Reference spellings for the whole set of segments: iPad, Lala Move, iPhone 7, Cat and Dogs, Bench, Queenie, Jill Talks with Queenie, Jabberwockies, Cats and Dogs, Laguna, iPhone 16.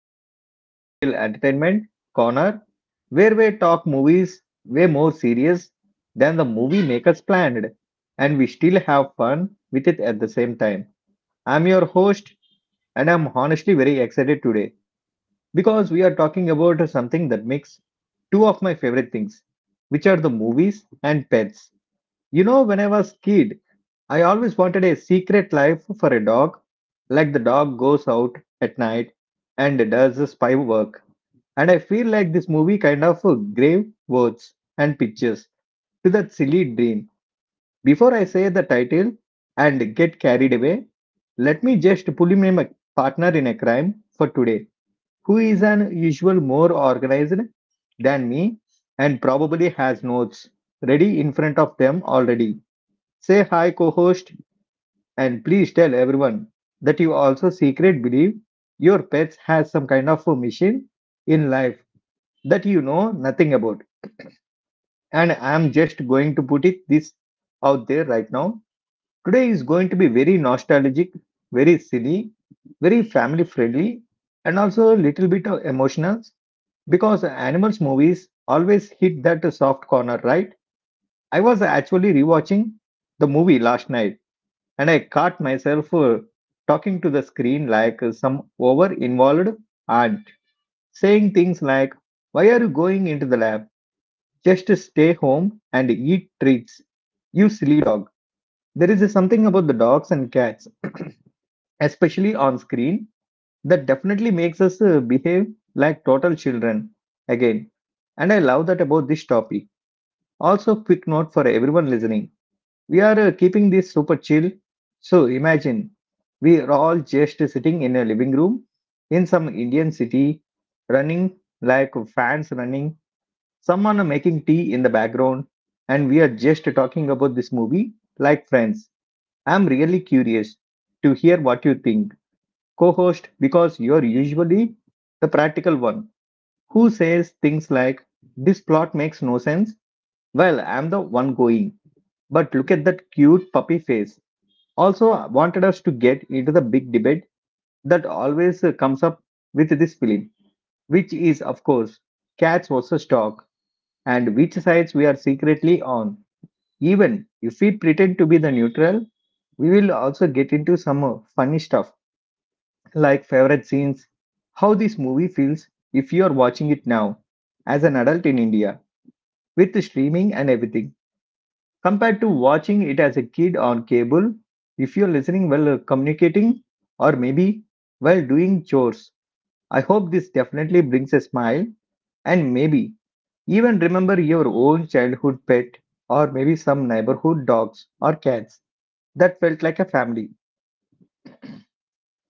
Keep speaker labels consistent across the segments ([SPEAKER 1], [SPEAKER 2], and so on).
[SPEAKER 1] of our little entertainment corner where we talk movies way more serious than the movie makers planned and we still have fun with it at the same time. I'm your host and I'm honestly very excited today because we are talking about something that makes two of my favorite things, which are the movies and pets. You know, when I was kid, I always wanted a secret life for a dog, like the dog goes out at night and does the spy work. And I feel like this movie kind of gave words and pictures to that silly dream. Before I say the title and get carried away, let me just pull in my partner in a crime for today, who is an usual more organized than me and probably has notes ready in front of them already. Say hi, co host, and please tell everyone that you also secret believe your pets has some kind of a mission in life that you know nothing about. And I'm just going to put it this out there right now. Today is going to be very nostalgic, very silly, very family friendly, and also a little bit of emotional because animals movies always hit that soft corner, right? I was actually rewatching the movie last night and I caught myself talking to the screen like some over involved aunt, saying things like, Why are you going into the lab? Just stay home and eat treats. You silly dog. There is something about the dogs and cats, especially on screen, that definitely makes us behave like total children again. And I love that about this topic. Also, quick note for everyone listening we are keeping this super chill. So imagine we are all just sitting in a living room in some Indian city, running like fans running, someone making tea in the background, and we are just talking about this movie like friends. I'm really curious to hear what you think, co host, because you're usually the practical one who says things like, This plot makes no sense. Well, I'm the one going. But look at that cute puppy face also wanted us to get into the big debate that always comes up with this film, which is, of course, cats versus dog and which sides we are secretly on. Even if we pretend to be the neutral, we will also get into some funny stuff like favorite scenes, how this movie feels if you are watching it now as an adult in India with the streaming and everything, compared to watching it as a kid on cable. If you're listening while communicating or maybe while doing chores, I hope this definitely brings a smile and maybe even remember your own childhood pet or maybe some neighborhood dogs or cats that felt like a family.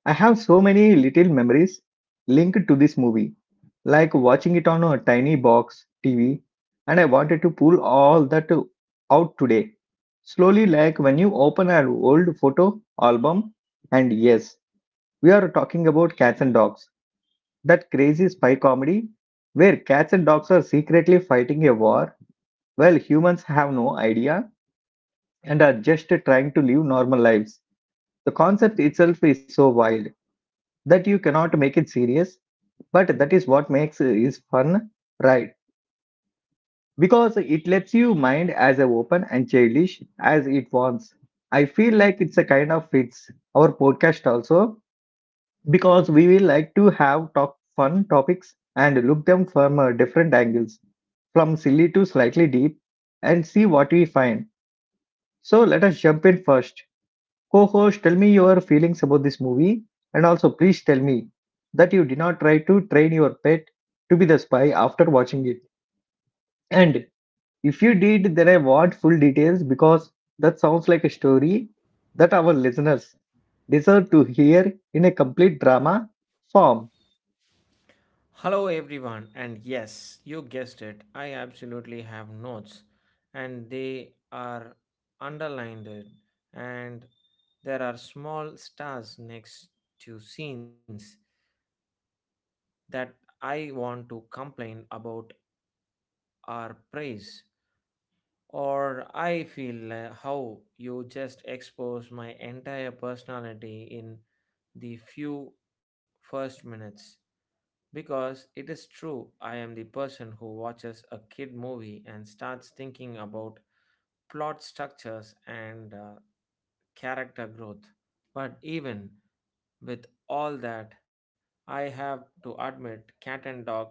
[SPEAKER 1] I have so many little memories linked to this movie like watching it on a tiny box TV, and I wanted to pull all that out today. Slowly, like when you open an old photo album, and yes, we are talking about cats and dogs, that crazy spy comedy where cats and dogs are secretly fighting a war while humans have no idea and are just trying to live normal lives. The concept itself is so wild that you cannot make it serious, but that is what makes it is fun, right? Because it lets you mind as a open and childish as it wants. I feel like it's a kind of fits our podcast also because we will like to have top fun topics and look them from different angles, from silly to slightly deep, and see what we find. So let us jump in first. Co-host, tell me your feelings about this movie, and also please tell me that you did not try to train your pet to be the spy after watching it. And if you did, then I want full details because that sounds like a story that our listeners deserve to hear in a complete drama form.
[SPEAKER 2] Hello, everyone, and yes, you guessed it. I absolutely have notes, and they are underlined, and there are small stars next to scenes that I want to complain about or praise. Or I feel how you just expose my entire personality in the few first minutes. Because it is true, I am the person who watches a kid movie and starts thinking about plot structures and character growth. But even with all that, I have to admit, Cat and Dogs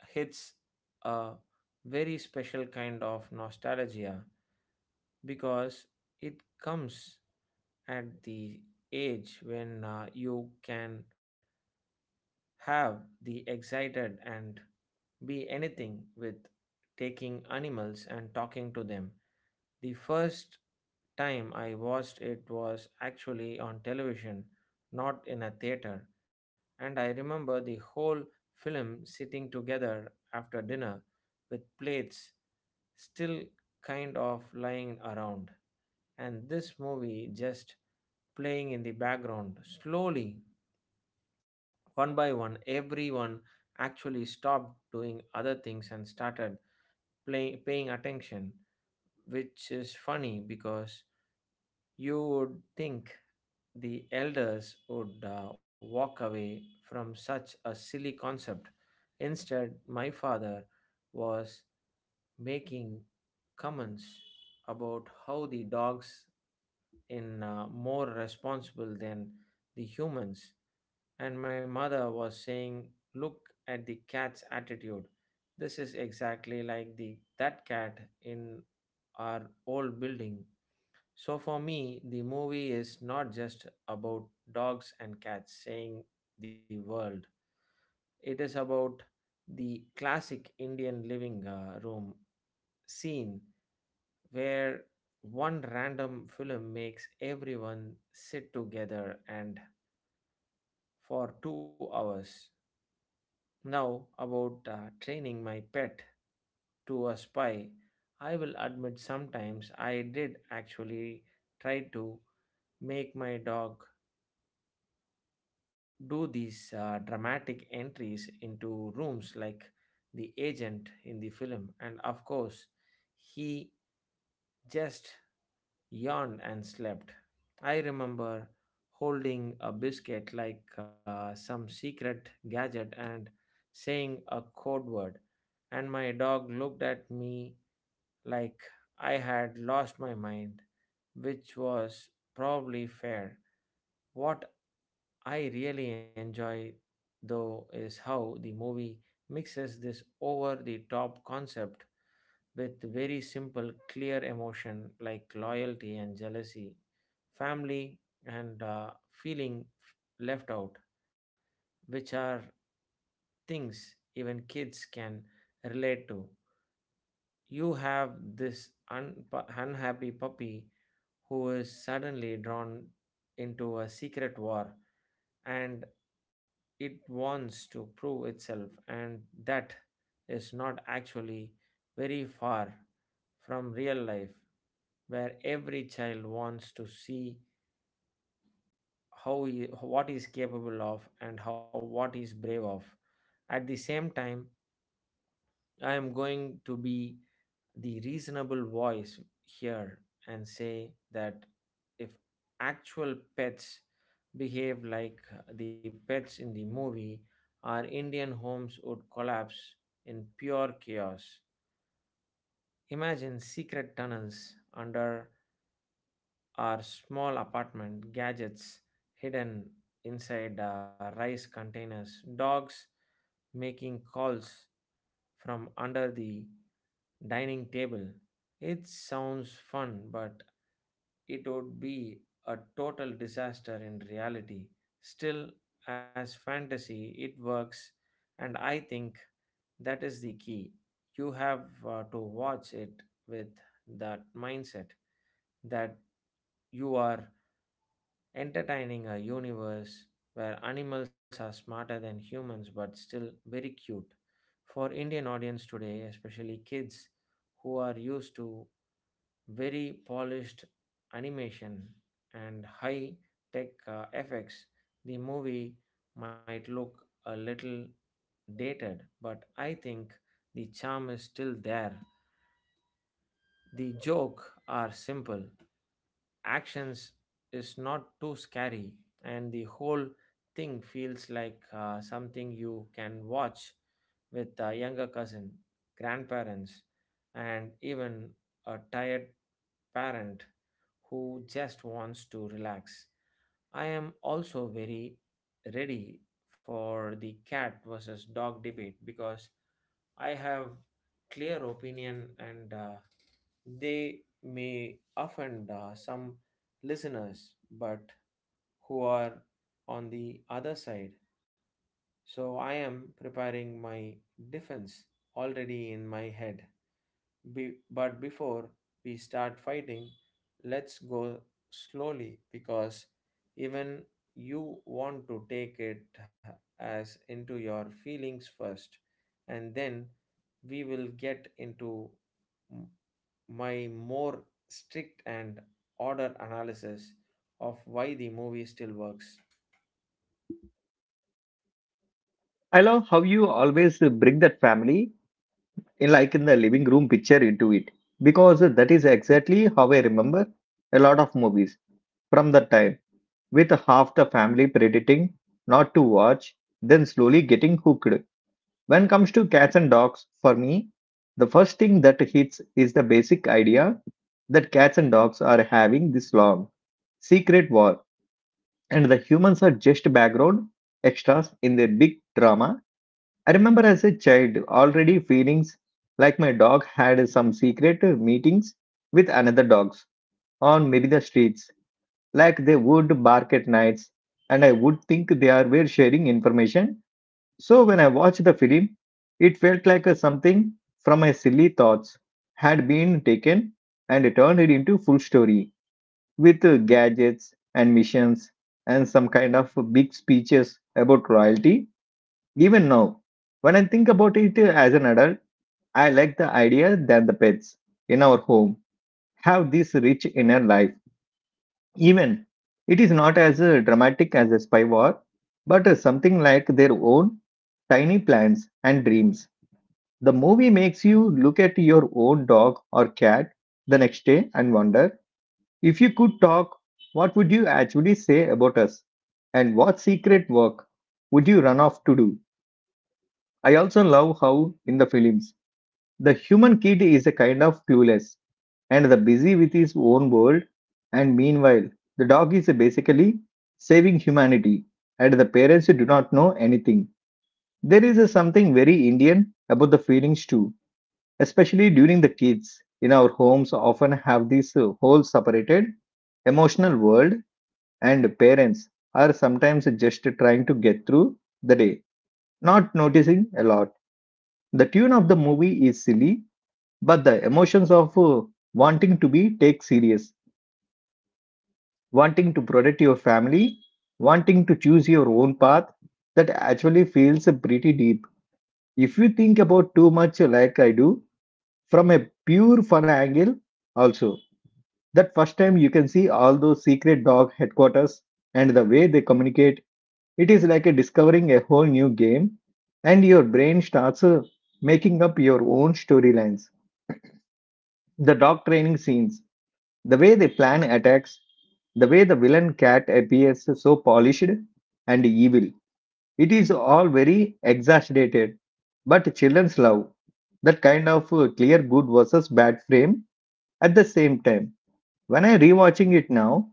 [SPEAKER 2] hits a very special kind of nostalgia because it comes at the age when you can have the excited and be anything with taking animals and talking to them. The first time I watched it was actually on television, not in a theater, and I remember the whole film sitting together after dinner with plates still kind of lying around, and this movie just playing in the background. Slowly, one by one, everyone actually stopped doing other things and started paying attention, which is funny because you would think the elders would walk away from such a silly concept. Instead, my father was making comments about how the dogs in more responsible than the humans. And my mother was saying, "Look at the cat's attitude. This is exactly like the that cat in our old building." So for me, the movie is not just about dogs and cats saying the world. It is about the classic Indian living room scene where one random film makes everyone sit together and for 2 hours. Now, about training my pet to a spy, I will admit sometimes I did actually try to make my dog do these dramatic entries into rooms like the agent in the film, and of course, he just yawned and slept. I remember holding a biscuit like some secret gadget and saying a code word, and my dog looked at me like I had lost my mind, which was probably fair. What I really enjoy, though, is how the movie mixes this over the top concept with very simple, clear emotion like loyalty and jealousy, family, and feeling left out, which are things even kids can relate to. You have this unhappy puppy who is suddenly drawn into a secret war, and it wants to prove itself, and that is not actually very far from real life, where every child wants to see what he's capable of and how what he's brave of. At the same time, I am going to be the reasonable voice here and say that if actual pets behave like the pets in the movie, our Indian homes would collapse in pure chaos. Imagine secret tunnels under our small apartment, gadgets hidden inside rice containers, dogs making calls from under the dining table. It sounds fun, but it would be a total disaster in reality. Still, as fantasy, it works, and I think that is the key. You have to watch it with that mindset that you are entertaining a universe where animals are smarter than humans but still very cute. For Indian audience today, especially kids who are used to very polished animation and high tech effects, the movie might look a little dated, but I think the charm is still there. The joke are simple actions is not too scary, and the whole thing feels like something you can watch with a younger cousin, grandparents, and even a tired parent who just wants to relax. I am also very ready for the cat versus dog debate because I have clear opinion, and they may offend some listeners, but who are on the other side, so I am preparing my defense already in my head. But before we start fighting, let's go slowly, because even you want to take it as into your feelings first, and then we will get into my more strict and ordered analysis of why the movie still works.
[SPEAKER 1] I love how you always bring that family in like in the living room picture into it because that is exactly how I remember a lot of movies from that time with half the family predicting not to watch then slowly getting hooked. When comes to cats and dogs, for me, the first thing that hits is the basic idea that cats and dogs are having this long secret war and the humans are just background extras in their big drama. I remember as a child already feelings like my dog had some secret meetings with another dogs on maybe the streets like they would bark at nights and I would think they are were sharing information so when I watched the film, it felt like a something from my silly thoughts had been taken and turned it into full story with gadgets and missions and some kind of big speeches about royalty. Even now, when I think about it as an adult, I like the idea that the pets in our home have this rich inner life. Even it is not as dramatic as a spy war, but something like their own tiny plans and dreams, the movie makes you look at your own dog or cat the next day and wonder if you could talk, what would you actually say about us? And what secret work would you run off to do? I also love how, in the films, the human kid is a kind of clueless and the busy with his own world, and meanwhile, the dog is basically saving humanity, and the parents do not know anything. There is a something very Indian about the feelings too, especially during the kids in our homes often have this whole separated emotional world and parents are sometimes just trying to get through the day not noticing a lot. The tune of the movie is silly but the emotions of wanting to be take serious, wanting to protect your family, wanting to choose your own path, that actually feels pretty deep if you think about too much like I do. From a pure fun angle also, that first time you can see all those secret dog headquarters and the way they communicate, it is like a discovering a whole new game, and your brain starts making up your own storylines. The dog training scenes, the way they plan attacks, the way the villain cat appears so polished and evil. It is all very exaggerated, but children's love that kind of clear good versus bad frame at the same time. When I rewatching it now,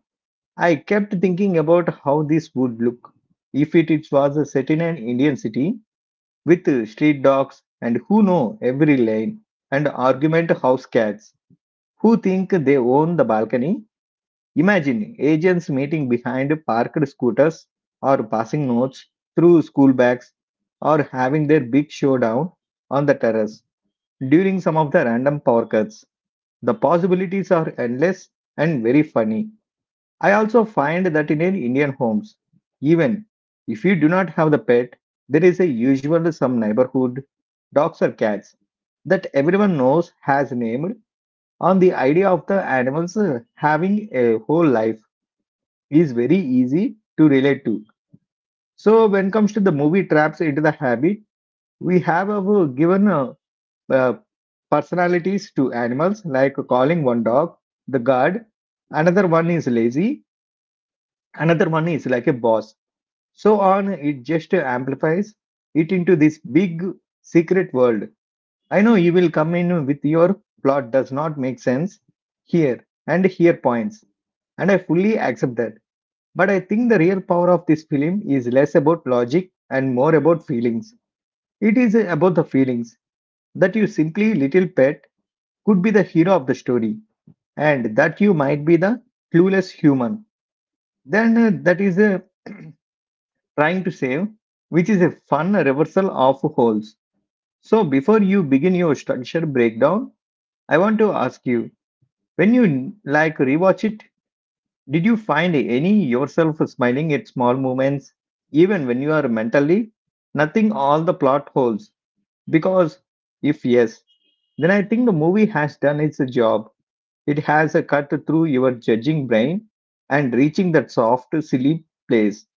[SPEAKER 1] I kept thinking about how this would look if it was set in an Indian city with street dogs and who know every lane and argument house cats who think they own the balcony. Imagine agents meeting behind parked scooters or passing notes through school bags or having their big showdown on the terrace during some of the random power cuts. The possibilities are endless and very funny. I also find that in Indian homes, even if you do not have the pet, there is a usually some neighborhood dogs or cats that everyone knows has named on the idea of the animals having a whole life is very easy to relate to. So when comes to the movie traps into the habit, we have given uh, personalities to animals like calling one dog the guard, another one is lazy, another one is like a boss. So on it just amplifies it into this big secret world. I know you will come in with your plot does not make sense here and here points, and I fully accept that. But I think the real power of this film is less about logic and more about feelings. It is about the feelings that you simply little pet could be the hero of the story, and that you might be the clueless human. Then that is trying to save, which is a fun reversal of holes. So before you begin your structure breakdown, I want to ask you, when you like rewatch it, did you find any yourself smiling at small moments, even when you are mentally nothing all the plot holes? Because if yes, then I think the movie has done its job. It has a cut through your judging brain and reaching that soft, silly place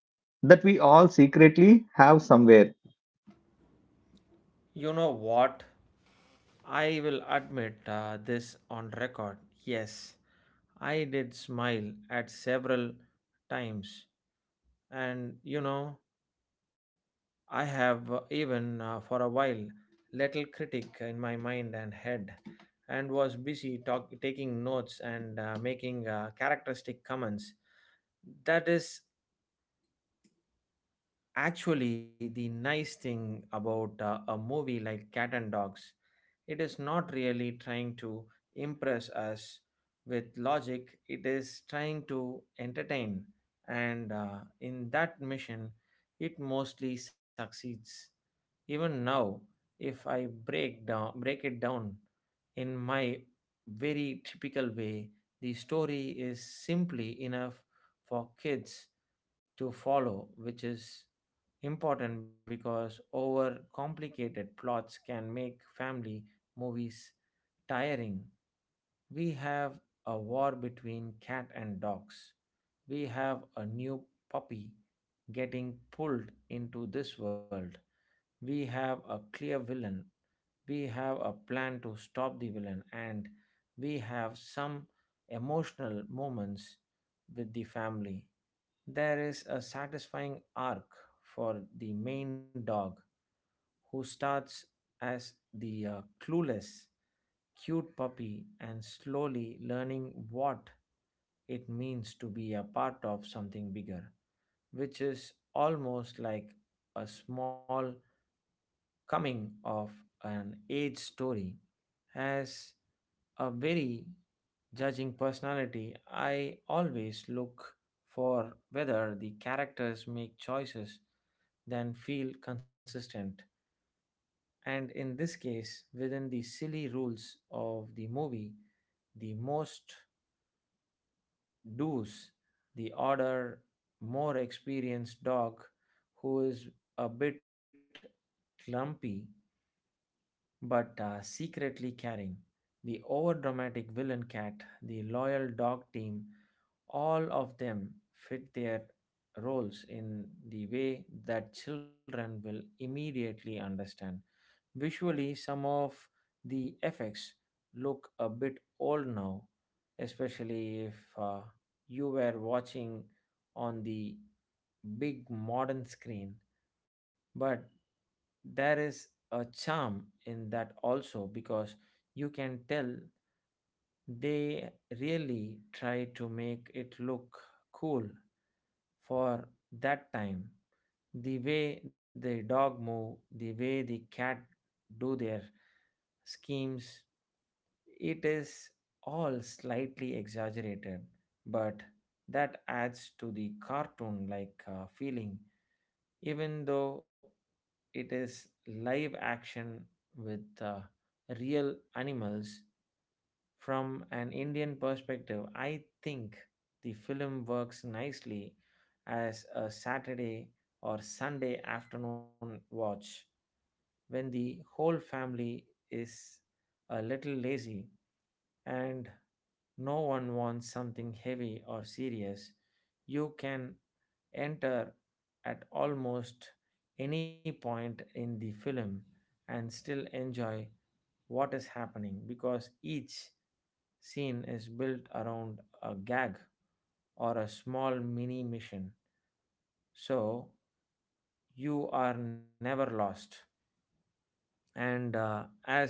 [SPEAKER 1] that we all secretly have somewhere.
[SPEAKER 2] You know what? I will admit this on record. Yes, I did smile at several times, and I have even for a while little critic in my mind and head, and was busy taking notes and making characteristic comments. That is Actually, the nice thing about a movie like Cat and Dogs, it is not really trying to impress us with logic. It is trying to entertain, and in that mission, it mostly succeeds. Even now, if I break it down in my very typical way, the story is simply enough for kids to follow, which is important because over complicated plots can make family movies tiring. We have a war between cat and dogs. We have a new puppy getting pulled into this world. We have a clear villain. We have a plan to stop the villain, and we have some emotional moments with the family. There is a satisfying arc for the main dog, who starts as the clueless, cute puppy and slowly learning what it means to be a part of something bigger, which is almost like a small coming of an age story. Has a very judging personality, I always look for whether the characters make choices than feel consistent. And in this case, within the silly rules of the movie, the most does the odder, more experienced dog, who is a bit clumpy but secretly caring. The overdramatic villain cat, the loyal dog team, all of them fit their roles in the way that children will immediately understand. Visually, some of the effects look a bit old now, especially if you were watching on the big modern screen, but there is a charm in that also because you can tell they really try to make it look cool for that time. The way the dog move, the way the cat do their schemes, it is all slightly exaggerated, but that adds to the cartoon like feeling, even though it is live action with real animals. From an Indian perspective, I think the film works nicely as a Saturday or Sunday afternoon watch, when the whole family is a little lazy and no one wants something heavy or serious. You can enter at almost any point in the film and still enjoy what is happening because each scene is built around a gag or a small mini mission. So you are never lost. And as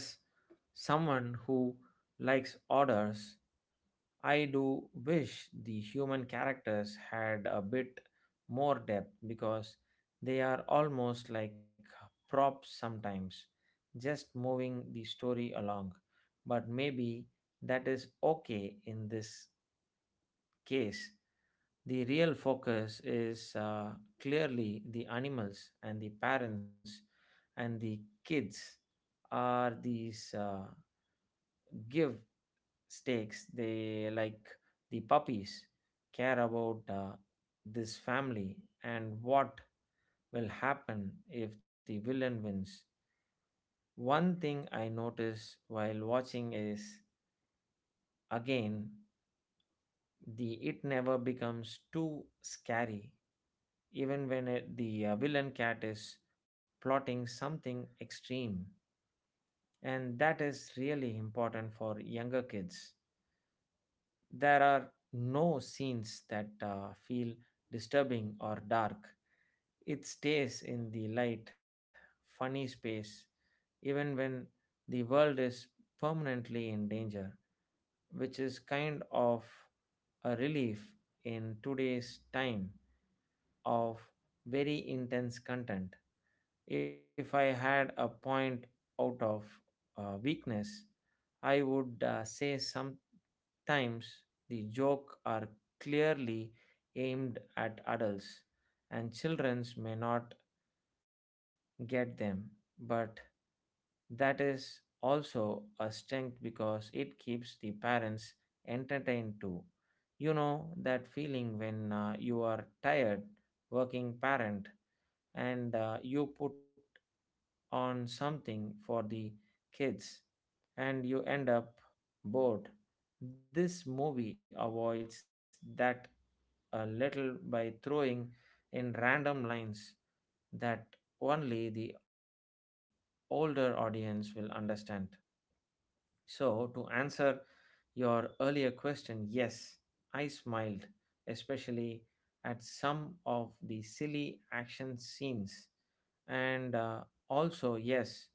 [SPEAKER 2] someone who likes orders, I do wish the human characters had a bit more depth because they are almost like props sometimes, just moving the story along. But maybe that is okay in this case. The real focus is clearly the animals, and the parents and the kids are these. Give stakes they like, the puppies care about this family and what will happen if the villain wins. One thing I notice while watching is, again, the it never becomes too scary, even when the villain cat is plotting something extreme, and that is really important for younger kids. There are no scenes that feel disturbing or dark. It stays in the light, funny space, even when the world is permanently in danger, which is kind of a relief in today's time of very intense content. If I had a point out of weakness, I would say sometimes the joke are clearly aimed at adults and childrens may not get them, but that is also a strength because it keeps the parents entertained too. You know that feeling when you are tired working parent and you put on something for the kids and you end up bored. This movie avoids that a little by throwing in random lines that only the older audience will understand. So, to answer your earlier question, yes, I smiled, especially at some of the silly action scenes. And also, yes,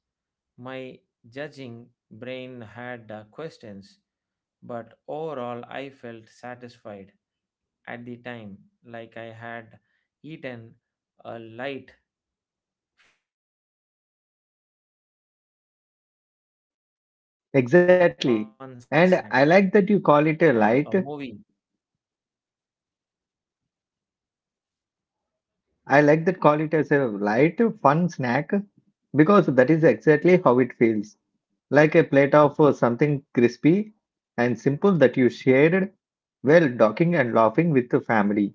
[SPEAKER 2] my judging brain had questions, but overall, I felt satisfied at the time, like I had eaten a light, fun snack. And sometimes that is exactly what you
[SPEAKER 1] Exactly.
[SPEAKER 2] need
[SPEAKER 1] And
[SPEAKER 2] from
[SPEAKER 1] I like
[SPEAKER 2] a
[SPEAKER 1] that you call
[SPEAKER 2] movie.
[SPEAKER 1] it a light. I like that call it as a light, fun snack because that is exactly how it feels. Like a plate of something crispy and simple that you shared while talking and laughing with the family.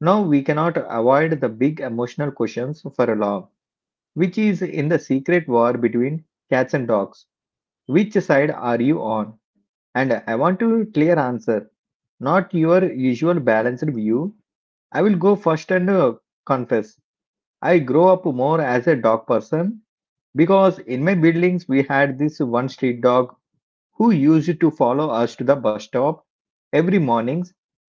[SPEAKER 1] Now we cannot avoid the big emotional questions for a long, which is in the secret war between cats and dogs. Which side are you on? And I want to clear answer, not your usual balanced view. I will go first and confess. I grow up more as a dog person because in my buildings we had this one street dog who used to follow us to the bus stop every mornings,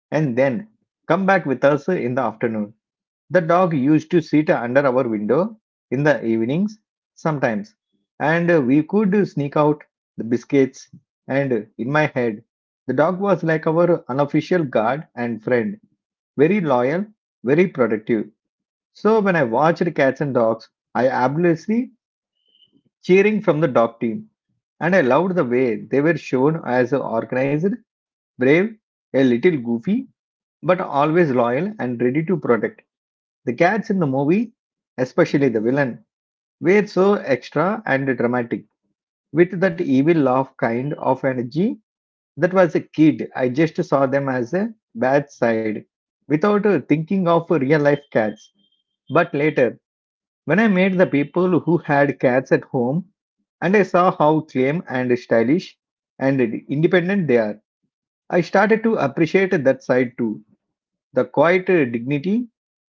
[SPEAKER 1] and then come back with us in the afternoon. The dog used to sit under our window in the evenings sometimes, and we could sneak out the biscuits, and in my head, the dog was like our unofficial guard and friend, very loyal, very productive. So when I watched Cats and Dogs, I absolutely cheering from the dog team, and I loved the way they were shown as organized, brave, a little goofy, but always loyal and ready to protect. The cats in the movie, especially the villain, were so extra and dramatic, with that evil laugh kind of energy that was a kid. I just saw them as a bad side, without thinking of real life cats. But later, when I met the people who had cats at home and I saw how calm and stylish and independent they are, I started to appreciate that side too. The quiet dignity,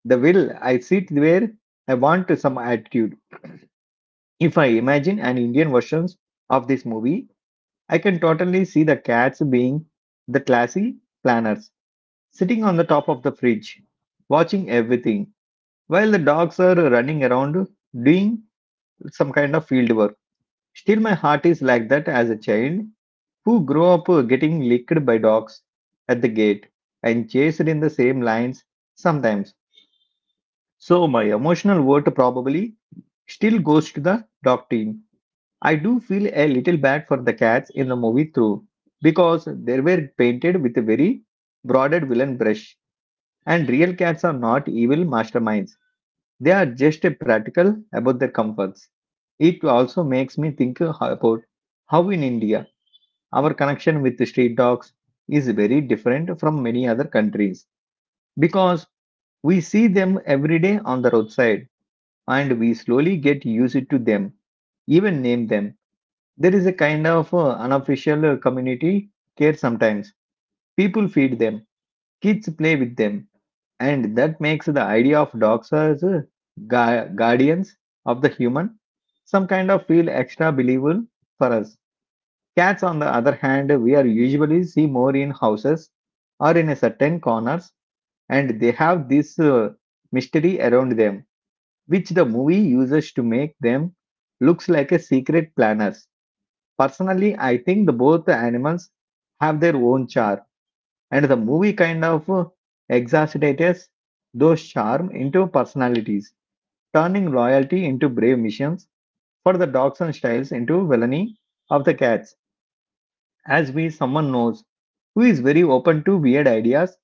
[SPEAKER 1] the will I sit where I want some attitude. If I imagine an Indian versions of this movie, I can totally see the cats being the classy planners, sitting on the top of the fridge, watching everything, while the dogs are running around doing some kind of field work. Still, my heart is like that as a child who grew up getting licked by dogs at the gate and chased in the same lines sometimes. So, my emotional vote probably still goes to the dog team. I do feel a little bad for the cats in the movie too, because they were painted with a very broaded villain brush. And real cats are not evil masterminds, they are just practical about their comforts. It also makes me think about how in India our connection with street dogs is very different from many other countries, because we see them every day on the roadside and we slowly get used to them, even name them. There is a kind of unofficial community care sometimes. People feed them, kids play with them, and that makes the idea of dogs as guardians of the human some kind of feel extra believable for us. Cats, on the other hand, we are usually see more in houses or in a certain corners, and they have this mystery around them, which the movie uses to make them looks like a secret planners. Personally, I think the both animals have their own charm, and the movie kind of exacerbates those charm into personalities, turning loyalty into brave missions for the dogs and styles into villainy of the cats. As we someone knows who is very open to weird ideas,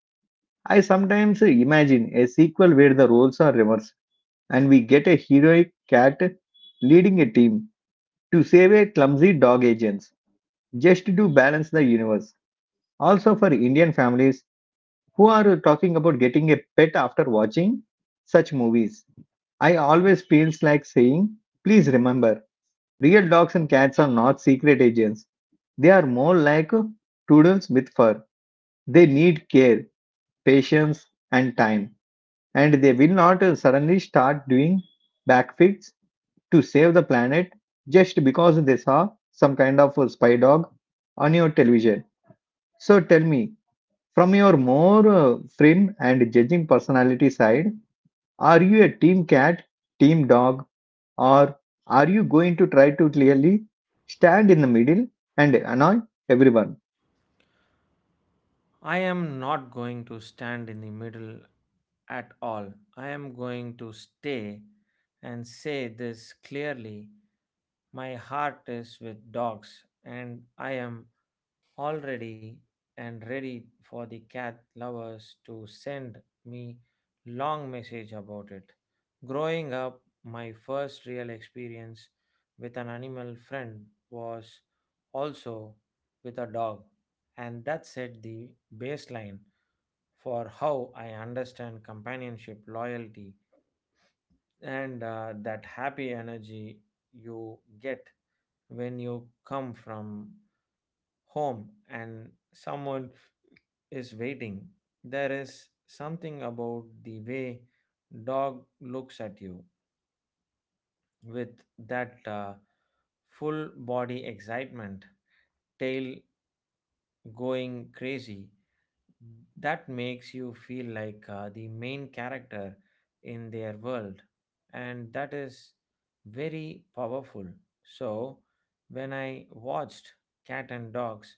[SPEAKER 1] I sometimes imagine a sequel where the roles are reversed and we get a heroic cat leading a team to save a clumsy dog agents, just to balance the universe. Also for Indian families who are talking about getting a pet after watching such movies, I always feels like saying, please remember, real dogs and cats are not secret agents. They are more like toodles with fur. They need care, patience, and time, and they will not suddenly start doing backflips to save the planet just because they saw some kind of a spy dog on your television. So tell me, from your more firm and judging personality side, are you a team cat, team dog, or are you going to try to clearly stand in the middle and annoy everyone?
[SPEAKER 2] I am not going to stand in the middle at all. I am going to stay and say this clearly. My heart is with dogs, and I am already and ready for the cat lovers to send me long message about it. Growing up, my first real experience with an animal friend was also with a dog, and that set the baseline for how I understand companionship, loyalty, and that happy energy you get when you come from home and someone is waiting. There is something about the way dog looks at you with that full body excitement, tail going crazy, that makes you feel like the main character in their world, and that is very powerful. So when I watched Cat and Dogs,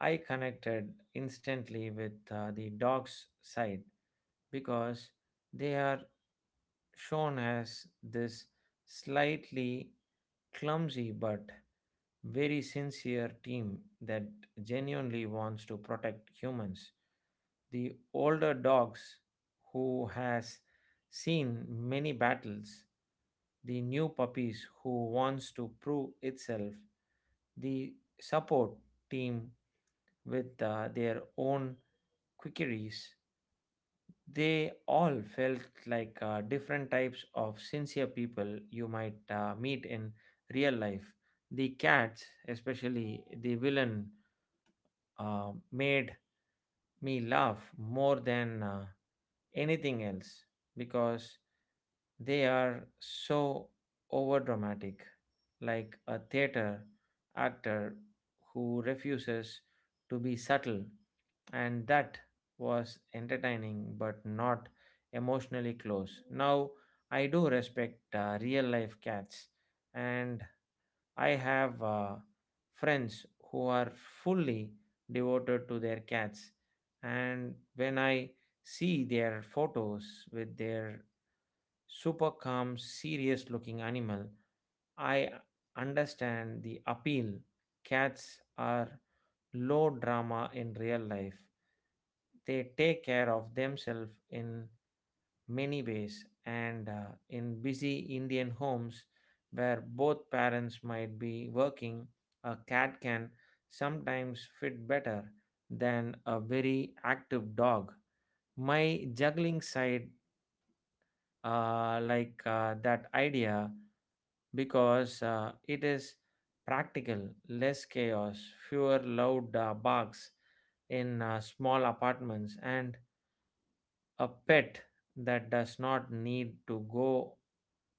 [SPEAKER 2] I connected instantly with the dog's side because they are shown as this slightly clumsy but very sincere team that genuinely wants to protect humans. The older dogs who has seen many battles, the new puppies who wants to prove itself, the support team with their own quickeries, they all felt like different types of sincere people you might meet in real life. The cats, especially the villain, made me laugh more than anything else because they are so over dramatic, like a theater actor who refuses to be subtle, and that was entertaining but not emotionally close. Now, I do respect real life cats, and I have friends who are fully devoted to their cats, and when I see their photos with their super calm, serious looking animal, I understand the appeal. Cats are low drama in real life. They take care of themselves in many ways, and in busy Indian homes where both parents might be working, a cat can sometimes fit better than a very active dog. My juggling side like that idea because it is practical, less chaos, fewer loud barks in small apartments, and a pet that does not need to go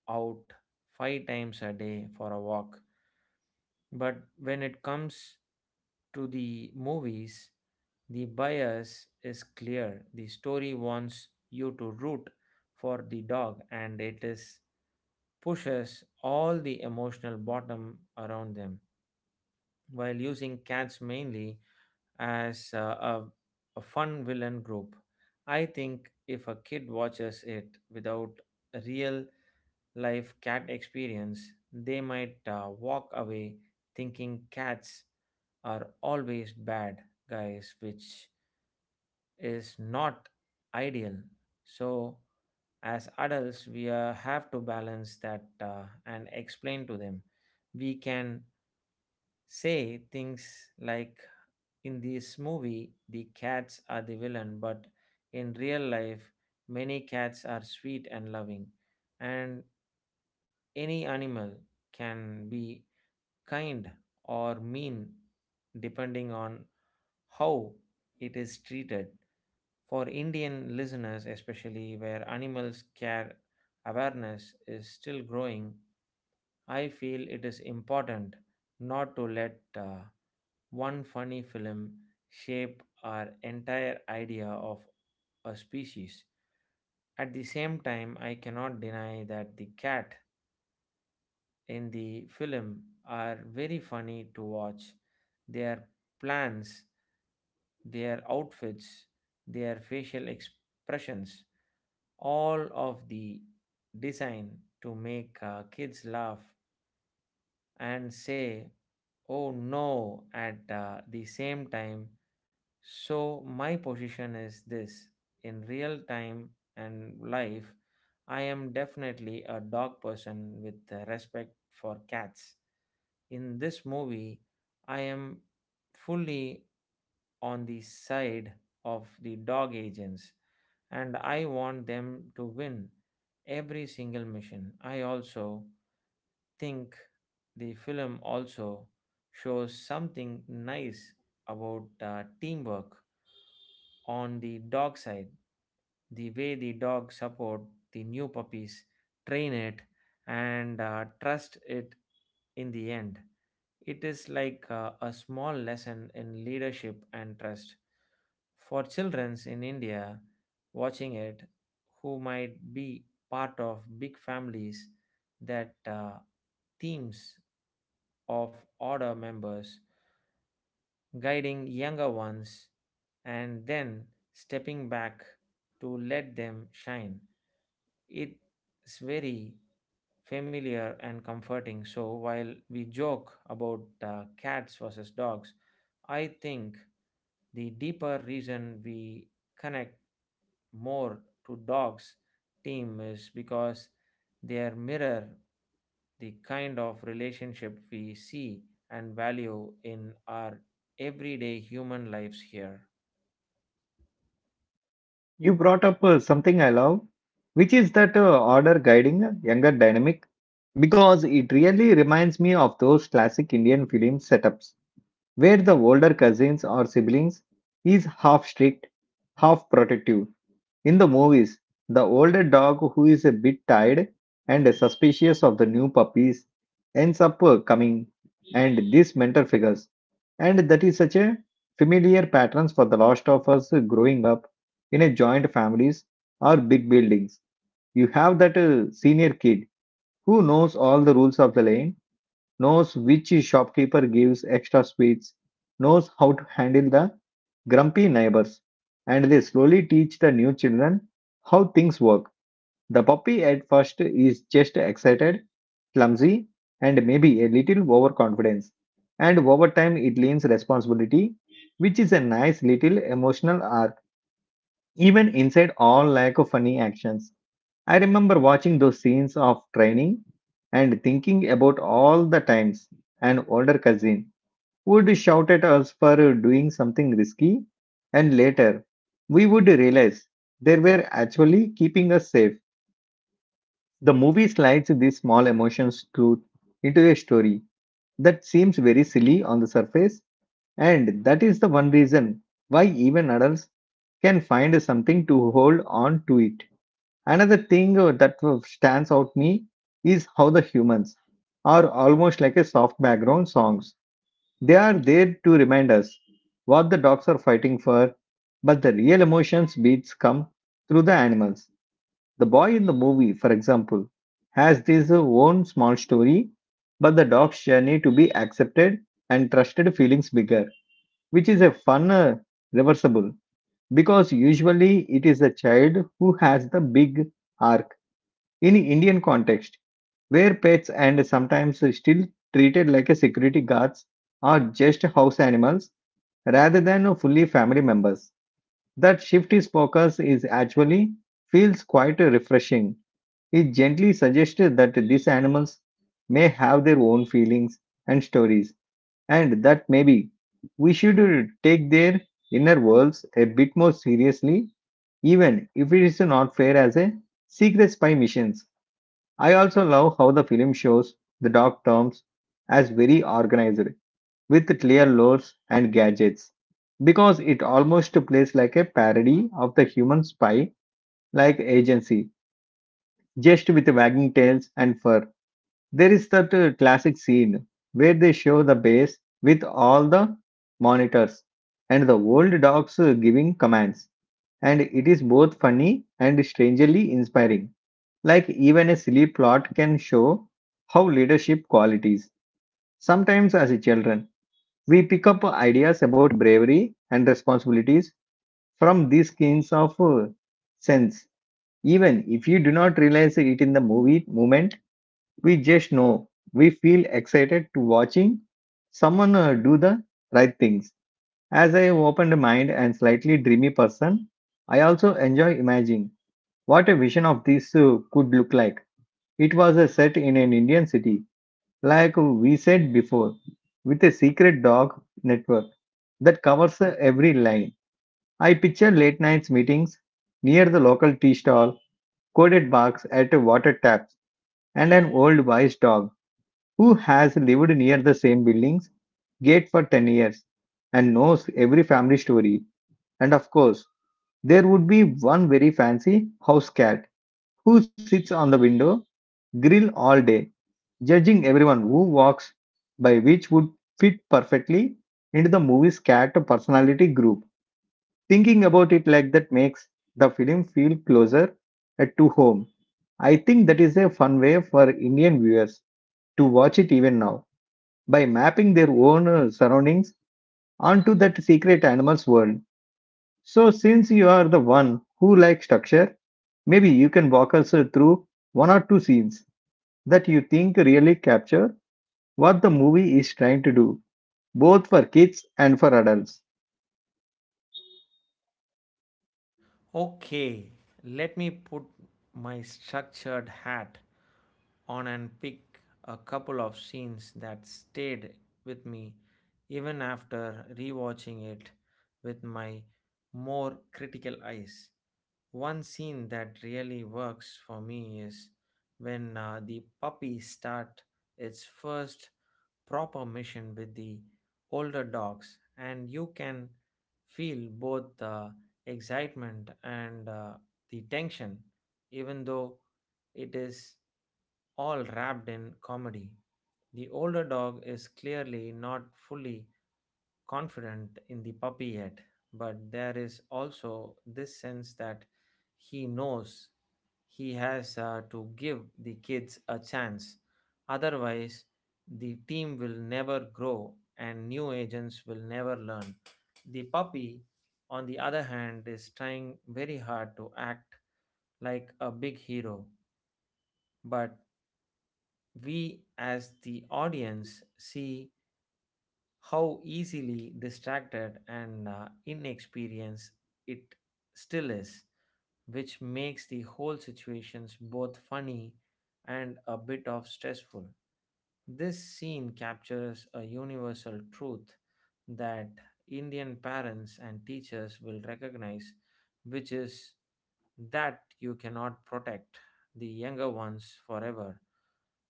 [SPEAKER 2] out five times a day for a walk. But when it comes to the movies, the bias is clear. The story wants you to root for the dog, and it is pushes all the emotional bottom around them while using cats mainly as a, a fun villain group. I think if a kid watches it without a real life cat experience, they might walk away thinking cats are always bad guys, which is not ideal. So, as adults, we have to balance that and explain to them. We can say things like in this movie, the cats are the villain, but in real life, many cats are sweet and loving, and any animal can be kind or mean depending on how it is treated. For Indian listeners, especially where animals care awareness is still growing, I feel it is important not to let one funny film shape our entire idea of a species. At the same time, I cannot deny that the cat in the film are very funny to watch. Their plans, their outfits, their facial expressions, all of the design to make kids laugh and say, oh no, at the same time. So, my position is this: in real time and life, I am definitely a dog person with respect for cats. In this movie, I am fully on the side of the dog agents and I want them to win every single mission. I also think the film also shows something nice about teamwork on the dog side, the way the dog support the new puppies, train it, and trust it in the end. It is like a small lesson in leadership and trust. For children in India watching it, who might be part of big families that teams of order members guiding younger ones and then stepping back to let them shine. It's very familiar and comforting. So while we joke about cats versus dogs, I think the deeper reason we connect more to dogs team is because they mirror the kind of relationship we see and value in our everyday human lives here.
[SPEAKER 1] You brought up something I love, which is that order guiding younger dynamic, because it really reminds me of those classic Indian film setups where the older cousins or siblings is half strict, half protective. In the movies, the older dog who is a bit tired and suspicious of the new puppies ends up coming and these mentor figures. And that is such a familiar patterns for the lost of us growing up in a joint families or big buildings. You have that senior kid who knows all the rules of the lane, knows which shopkeeper gives extra sweets, knows how to handle the grumpy neighbors, and they slowly teach the new children how things work. The puppy at first is just excited, clumsy, and maybe a little overconfidence, and over time it learns responsibility, which is a nice little emotional arc, even inside all lack of funny actions. I remember watching those scenes of training and thinking about all the times an older cousin would shout at us for doing something risky, and later we would realize they were actually keeping us safe. The movie slides these small emotions truth into a story that seems very silly on the surface, and that is the one reason why even adults can find something to hold on to it. Another thing that stands out me is how the humans are almost like a soft background songs. They are there to remind us what the dogs are fighting for, but the real emotions beats come through the animals. The boy in the movie, for example, has his own small story, but the dog's journey to be accepted and trusted feelings bigger, which is a fun reversible because usually it is the child who has the big arc. In Indian context, where pets and sometimes still treated like a security guards are just house animals rather than fully family members. That shift is focus is actually feels quite refreshing. It gently suggests that these animals may have their own feelings and stories, and that maybe we should take their inner worlds a bit more seriously, even if it is not fair as a secret spy missions. I also love how the film shows the dog terms as very organized, with clear lores and gadgets, because it almost plays like a parody of the human spy like agency, just with wagging tails and fur. There is that classic scene where they show the base with all the monitors and the old dogs giving commands, and it is both funny and strangely inspiring. Like, even a silly plot can show how leadership qualities. Sometimes, as children, we pick up ideas about bravery and responsibilities from these kinds of sense. Even if you do not realize it in the movie moment, we just know we feel excited to watching someone do the right things. As I opened mind and slightly dreamy person, I also enjoy imagining what a vision of this could look like it was a set in an Indian city, like we said before, with a secret dog network that covers every line. I picture late nights meetings near the local tea stall, coded barks at a water taps, and an old wise dog who has lived near the same building's gate for 10 years and knows every family story. And of course, there would be one very fancy house cat who sits on the window grill all day judging everyone who walks by, which would fit perfectly into the movie's cat personality group. Thinking about it like that makes the film feel closer to home. I think that is a fun way for Indian viewers to watch it even now, by mapping their own surroundings onto that secret animal's world. So, since you are the one who likes structure, maybe you can walk us through one or two scenes that you think really capture what the movie is trying to do, both for kids and for adults.
[SPEAKER 2] Okay, let me put my structured hat on and pick a couple of scenes that stayed with me even after rewatching it with my more critical eyes. One scene that really works for me is when the puppy start its first proper mission with the older dogs, and you can feel both the excitement and the tension, even though it is all wrapped in comedy. The older dog is clearly not fully confident in the puppy yet, but there is also this sense that he knows he has to give the kids a chance. Otherwise, the team will never grow and new agents will never learn. The puppy, on the other hand, is trying very hard to act like a big hero, but we as the audience see how easily distracted and inexperienced it still is, which makes the whole situations both funny and a bit of stressful. This scene captures a universal truth that Indian parents and teachers will recognize, which is that you cannot protect the younger ones forever.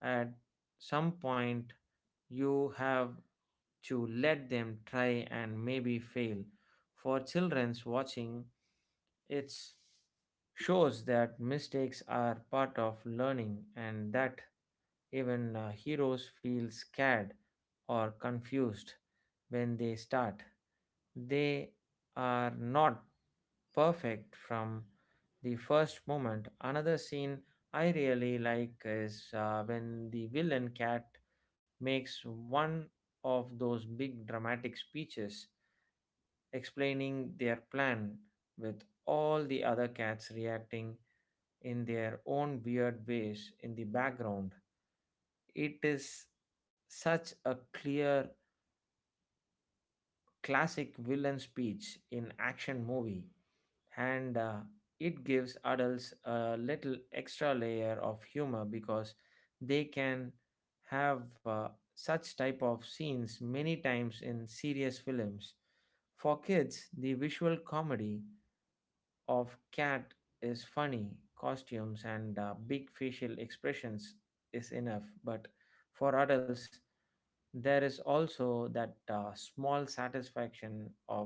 [SPEAKER 2] At some point you have to let them try and maybe fail. For children's watching it shows that mistakes are part of learning and that even heroes feel scared or confused when they start. They are not perfect from the first moment. Another scene I really like is when the villain cat makes one of those big dramatic speeches explaining their plan with all the other cats reacting in their own weird ways in the background. It is such a clear classic villain speech in action movie, and it gives adults a little extra layer of humor because they can have such type of scenes many times in serious films. For kids, the visual comedy of cat is funny costumes and big facial expressions is enough, but for adults there is also that small satisfaction of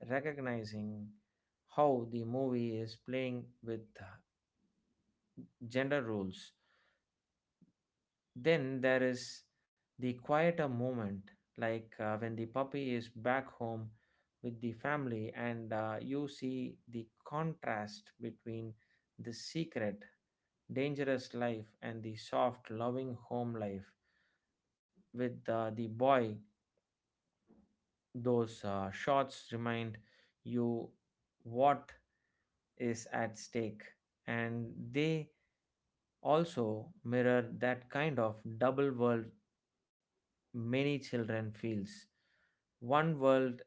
[SPEAKER 2] recognizing how the movie is playing with gender roles. Then there is the quieter moment, like when the puppy is back home with the family, and you see the contrast between the secret, dangerous life and the soft, loving home life with the boy. Those shots remind you what is at stake, and they also mirror that kind of double world many children feels. One world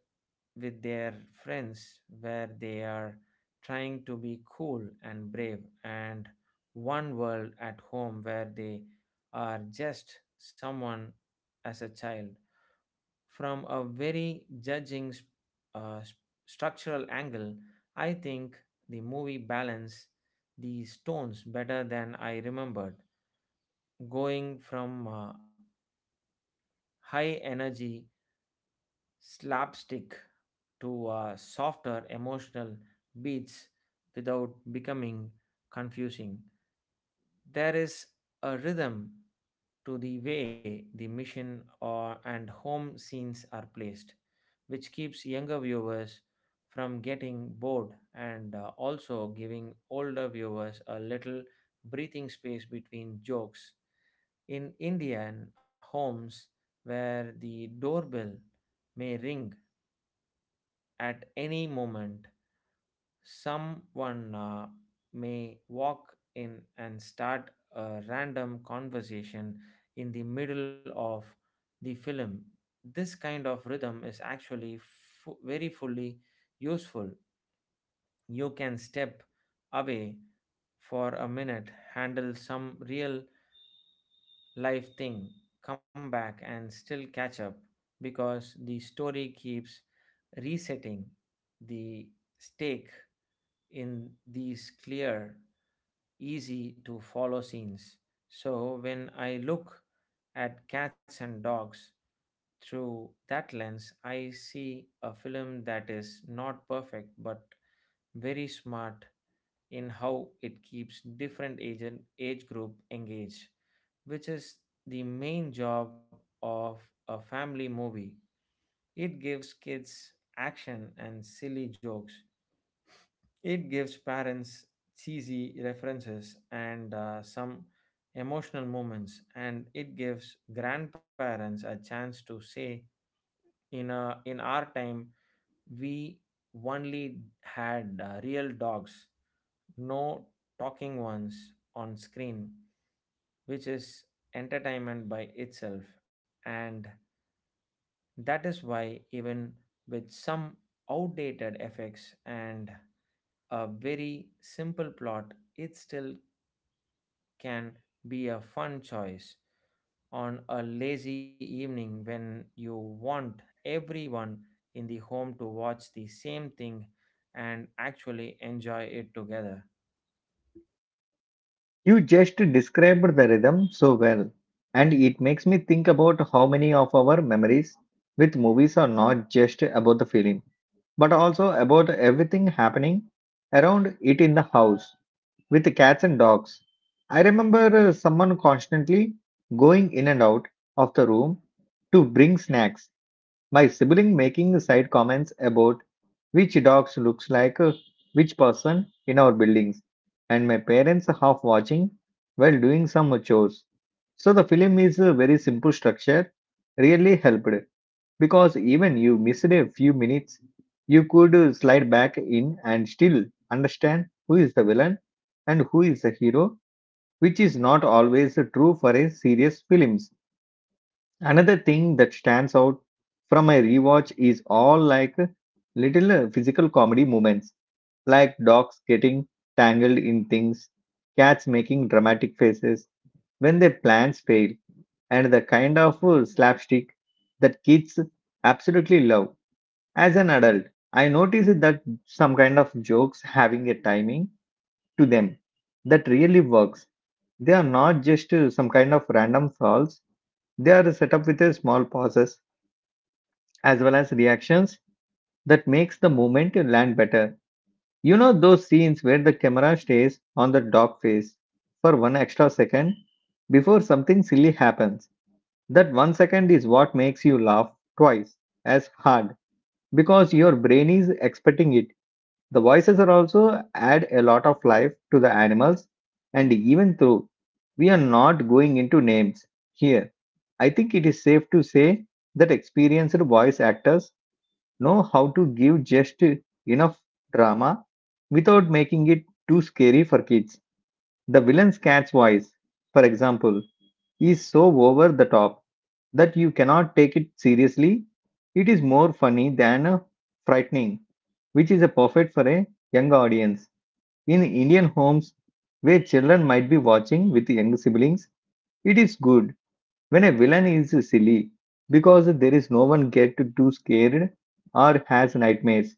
[SPEAKER 2] with their friends where they are trying to be cool and brave, and one world at home where they are just someone as a child. From a very judging st- uh, s- structural angle, I think the movie balanced these tones better than I remembered, going from high energy slapstick to softer emotional beats without becoming confusing. There is a rhythm to the way the mission or, and home scenes are placed, which keeps younger viewers from getting bored and also giving older viewers a little breathing space between jokes. In Indian homes, where the doorbell may ring at any moment, someone may walk in and start a random conversation in the middle of the film. This kind of rhythm is actually very fully useful. You can step away for a minute, handle some real life thing, come back and still catch up because the story keeps resetting the stake in these clear, easy to follow scenes. So when I look at Cats and Dogs through that lens, I see a film that is not perfect but very smart in how it keeps different age and age group engaged, which is the main job of a family movie. It gives kids action and silly jokes, it gives parents cheesy references and some emotional moments, and it gives grandparents a chance to say, "In our time, we only had real dogs, no talking ones on screen," which is entertainment by itself, and that is why even with some outdated effects and a very simple plot, it still can be a fun choice on a lazy evening when you want everyone in the home to watch the same thing and actually enjoy it together.
[SPEAKER 1] You just described the rhythm so well, and it makes me think about how many of our memories with movies are not just about the film, but also about everything happening around it in the house with the cats and dogs. I remember someone constantly going in and out of the room to bring snacks. My sibling making side comments about which dogs looks like which person in our buildings, and my parents half watching while doing some chores. So the film is a very simple structure really helped, because even you missed a few minutes, you could slide back in and still understand who is the villain and who is the hero, which is not always true for a serious films. Another thing that stands out from my rewatch is all like little physical comedy moments, like dogs getting tangled in things, cats making dramatic faces when their plans fail, and the kind of slapstick that kids absolutely love. As an adult, I noticed that some kind of jokes having a timing to them that really works. They are not just some kind of random falls, they are set up with a small pauses as well as reactions that makes the moment you land better. You know those scenes where the camera stays on the dog face for one extra second before something silly happens. That 1 second is what makes you laugh twice as hard because your brain is expecting it. The voices are also add a lot of life to the animals, and even though we are not going into names here, I think it is safe to say that experienced voice actors know how to give just enough drama without making it too scary for kids. The villain's cat's voice, for example, is so over the top that you cannot take it seriously. It is more funny than frightening, which is a perfect for a young audience. In Indian homes where children might be watching with young siblings, it is good when a villain is silly, because there is no one get too scared or has nightmares,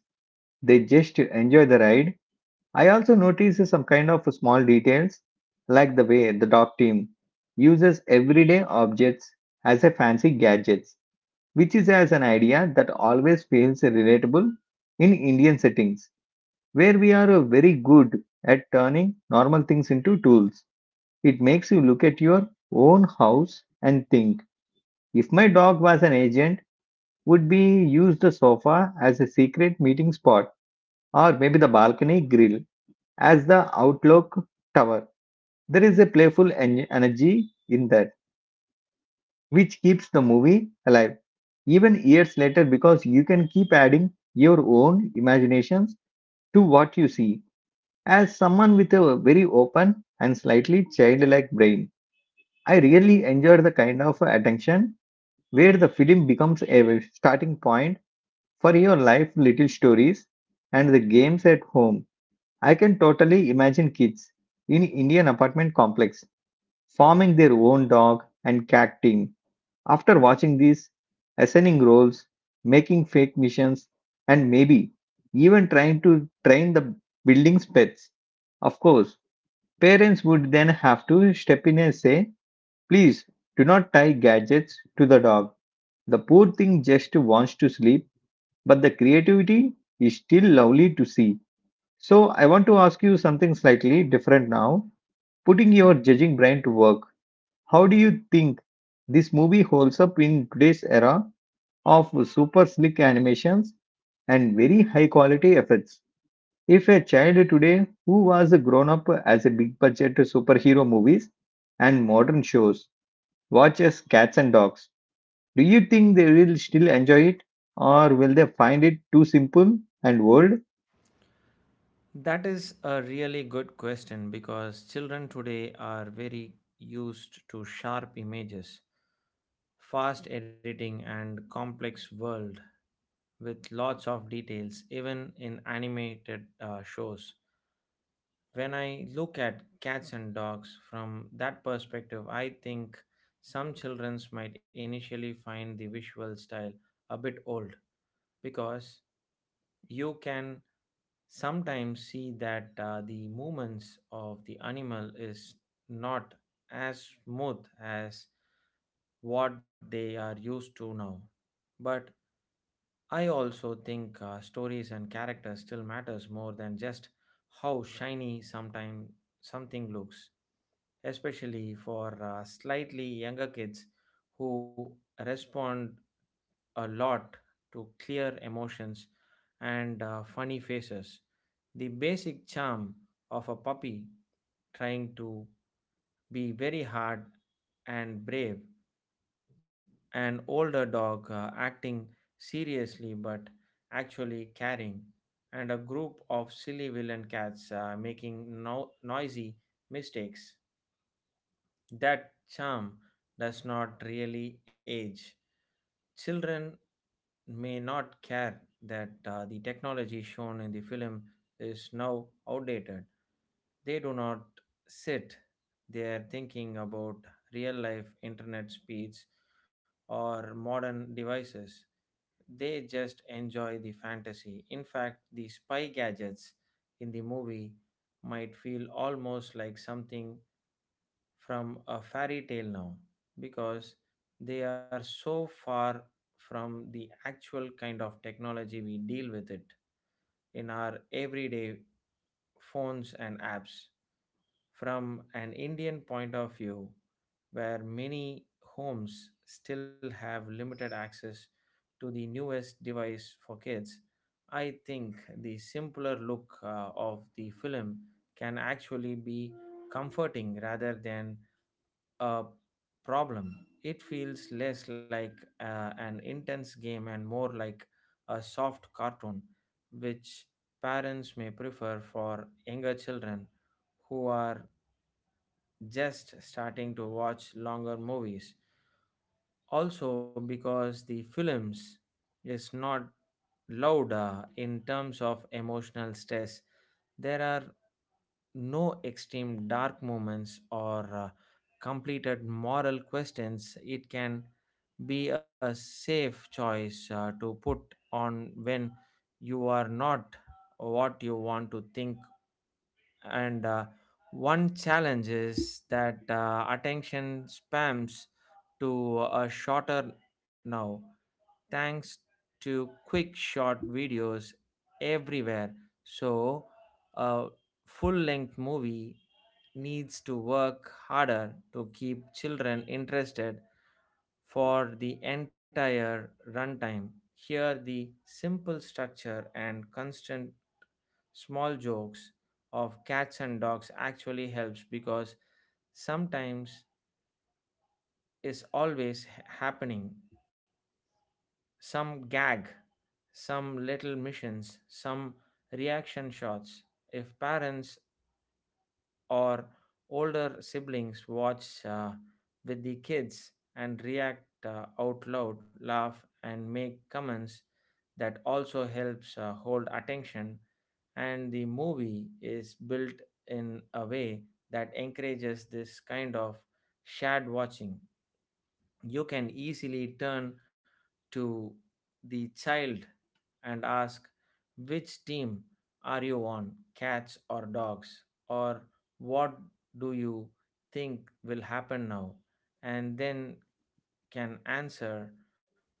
[SPEAKER 1] they just enjoy the ride. I also notice some kind of small details, like the way the dog team uses everyday objects as a fancy gadgets, which is as an idea that always feels relatable in Indian settings, where we are very good at turning normal things into tools. It makes you look at your own house and think, if my dog was an agent, would be use the sofa as a secret meeting spot, or maybe the balcony grill as the Outlook Tower. There is a playful energy in that which keeps the movie alive even years later, because you can keep adding your own imaginations to what you see. As someone with a very open and slightly childlike brain, I really enjoyed the kind of attention where the film becomes a starting point for your life little stories and the games at home. I can totally imagine kids in Indian apartment complex forming their own dog and cat team. After watching these, assigning roles, making fake missions, and maybe even trying to train the building's pets. Of course, parents would then have to step in and say, please do not tie gadgets to the dog. The poor thing just wants to sleep, but the creativity is still lovely to see. So, I want to ask you something slightly different now, putting your judging brain to work. How do you think this movie holds up in today's era of super slick animations and very high quality effects? If a child today who was grown up as a big budget superhero movies and modern shows watches Cats and Dogs, do you think they will still enjoy it, or will they find it too simple and old?
[SPEAKER 2] That is a really good question because children today are very used to sharp images, fast editing, and complex world with lots of details, even in animated shows. When I look at Cats and Dogs from that perspective, I think some children might initially find the visual style a bit old because you can sometimes see that the movements of the animal is not as smooth as what they are used to now. But I also think stories and characters still matters more than just how shiny sometime something looks, especially for slightly younger kids who respond a lot to clear emotions and funny faces. The basic charm of a puppy trying to be very hard and brave, an older dog acting seriously but actually caring, and a group of silly villain cats making noisy mistakes. That charm does not really age. Children may not care that the technology shown in the film is now outdated. They do not sit there thinking about real life internet speeds or modern devices. They just enjoy the fantasy. In fact, the spy gadgets in the movie might feel almost like something from a fairy tale now because they are so far from the actual kind of technology we deal with it in our everyday phones and apps. From an Indian point of view, where many homes still have limited access to the newest device for kids, I think the simpler look of the film can actually be comforting rather than a problem. It feels less like an intense game and more like a soft cartoon, which parents may prefer for younger children who are just starting to watch longer movies. Also, because the films is not loud in terms of emotional stress. There are no extreme dark moments or completed moral questions. It can be a safe choice to put on when you are not what you want to think. And one challenge is that attention spams to a shorter now, thanks to quick short videos everywhere. So a full length movie needs to work harder to keep children interested for the entire runtime. Here the simple structure and constant small jokes of Cats and Dogs actually helps because sometimes is always happening some gag, some little missions, some reaction shots. If parents or older siblings watch with the kids and react out loud, laugh, and make comments, that also helps hold attention. And the movie is built in a way that encourages this kind of shared watching. You can easily turn to the child and ask, which team are you on, cats or dogs? Or what do you think will happen now? And then can answer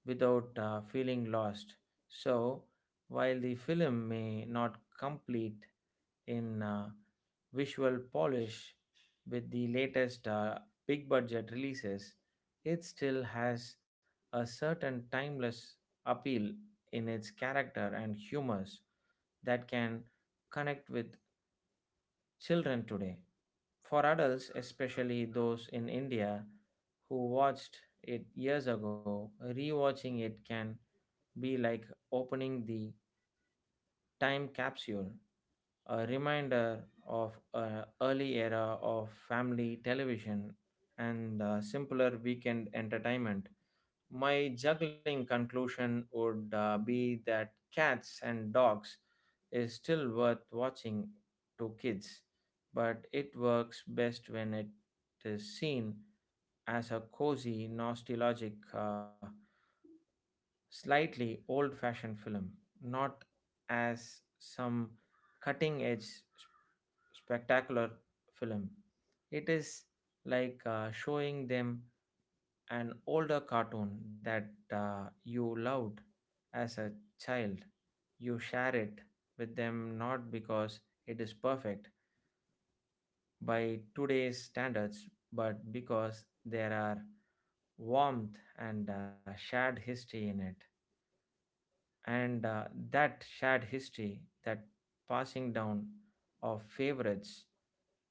[SPEAKER 2] without feeling lost. So, while the film may not complete in visual polish with the latest big budget releases, it still has a certain timeless appeal in its character and humors that can connect with children today. For adults, especially those in India who watched it years ago, rewatching it can be like opening the time capsule, a reminder of an early era of family television and simpler weekend entertainment. My juggling conclusion would be that Cats and Dogs is still worth watching to kids, but it works best when it is seen as a cozy, nostalgic slightly old fashioned film, not as some cutting edge spectacular film. It is like showing them an older cartoon that you loved as a child. You share it with them not because it is perfect by today's standards, but because there are warmth and shared history in it, and that shared history, that passing down of favorites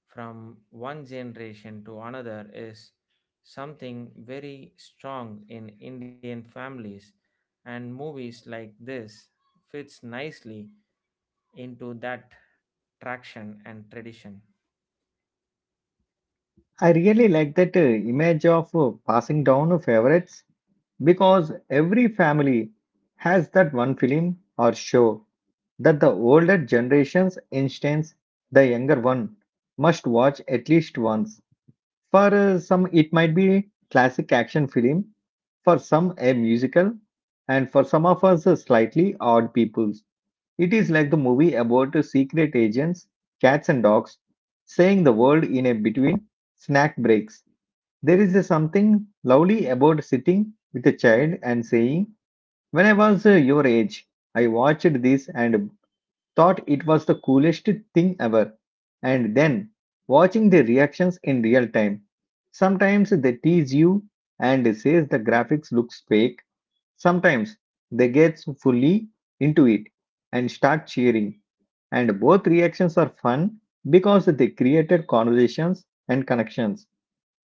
[SPEAKER 2] from one generation to another, is something very strong in Indian families, and movies like this fits nicely into that traction and tradition.
[SPEAKER 1] I really like that image of passing down favorites, because every family has that one film or show that the older generation's instance the younger one must watch at least once. For some, it might be classic action film, for some a musical, and for some of us slightly odd peoples. It is like the movie about secret agents, cats and dogs, saying the world in a between snack breaks. There is a something lovely about sitting with a child and saying, when I was your age, I watched this and thought it was the coolest thing ever. And then, watching the reactions in real time, sometimes they tease you and says the graphics looks fake. Sometimes they get fully into it and start cheering. And both reactions are fun because they created conversations and connections.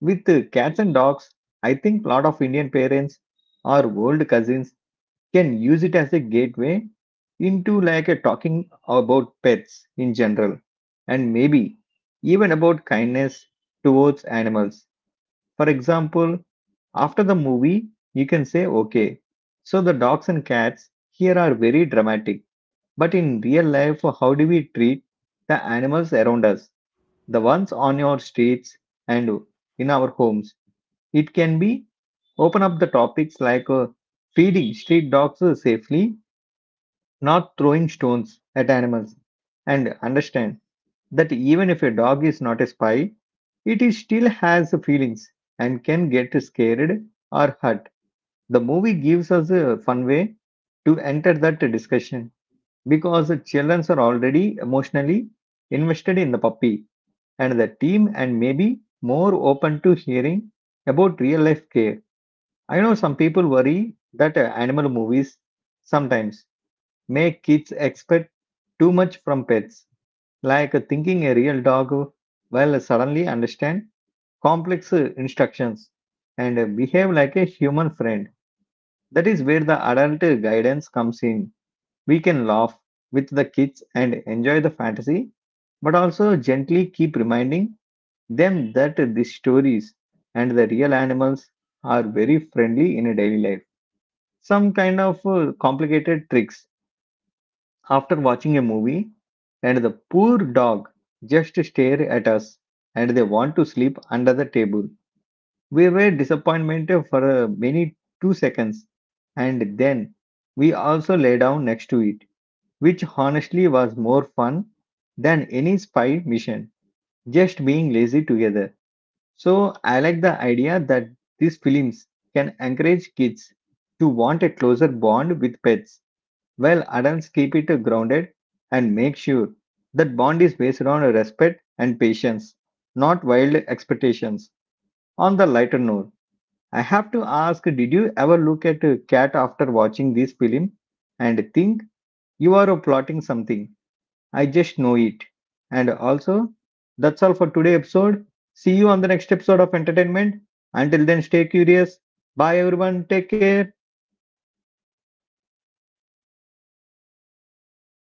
[SPEAKER 1] With cats and dogs, I think a lot of Indian parents or old cousins can use it as a gateway into like a talking about pets in general, and maybe even about kindness towards animals. For example, after the movie you can say, okay, so the dogs and cats here are very dramatic, but in real life how do we treat the animals around us, the ones on your streets and in our homes? It can be open up the topics like feeding street dogs safely, not throwing stones at animals, and understand that even if a dog is not a spy, it is still has feelings and can get scared or hurt. The movie gives us a fun way to enter that discussion, because the children are already emotionally invested in the puppy and the team, and maybe more open to hearing about real life care. I know some people worry that animal movies sometimes make kids expect too much from pets, like thinking a real dog will suddenly understand complex instructions and behave like a human friend. That is where the adult guidance comes in. We can laugh with the kids and enjoy the fantasy, but also gently keep reminding them that these stories and the real animals are very friendly in a daily life. Some kind of complicated tricks after watching a movie, and the poor dog just stare at us and they want to sleep under the table. We were disappointed for many 2 seconds, and then we also lay down next to it, which honestly was more fun than any spy mission, just being lazy together. So I like the idea that these films can encourage kids to want a closer bond with pets, while adults keep it grounded and make sure that bond is based on respect and patience, not wild expectations. On the lighter note, I have to ask, did you ever look at a cat after watching this film and think, you are plotting something? I just know it. And also, that's all for today's episode. See you on the next episode of entertainment. Until then, stay curious. Bye everyone. Take care.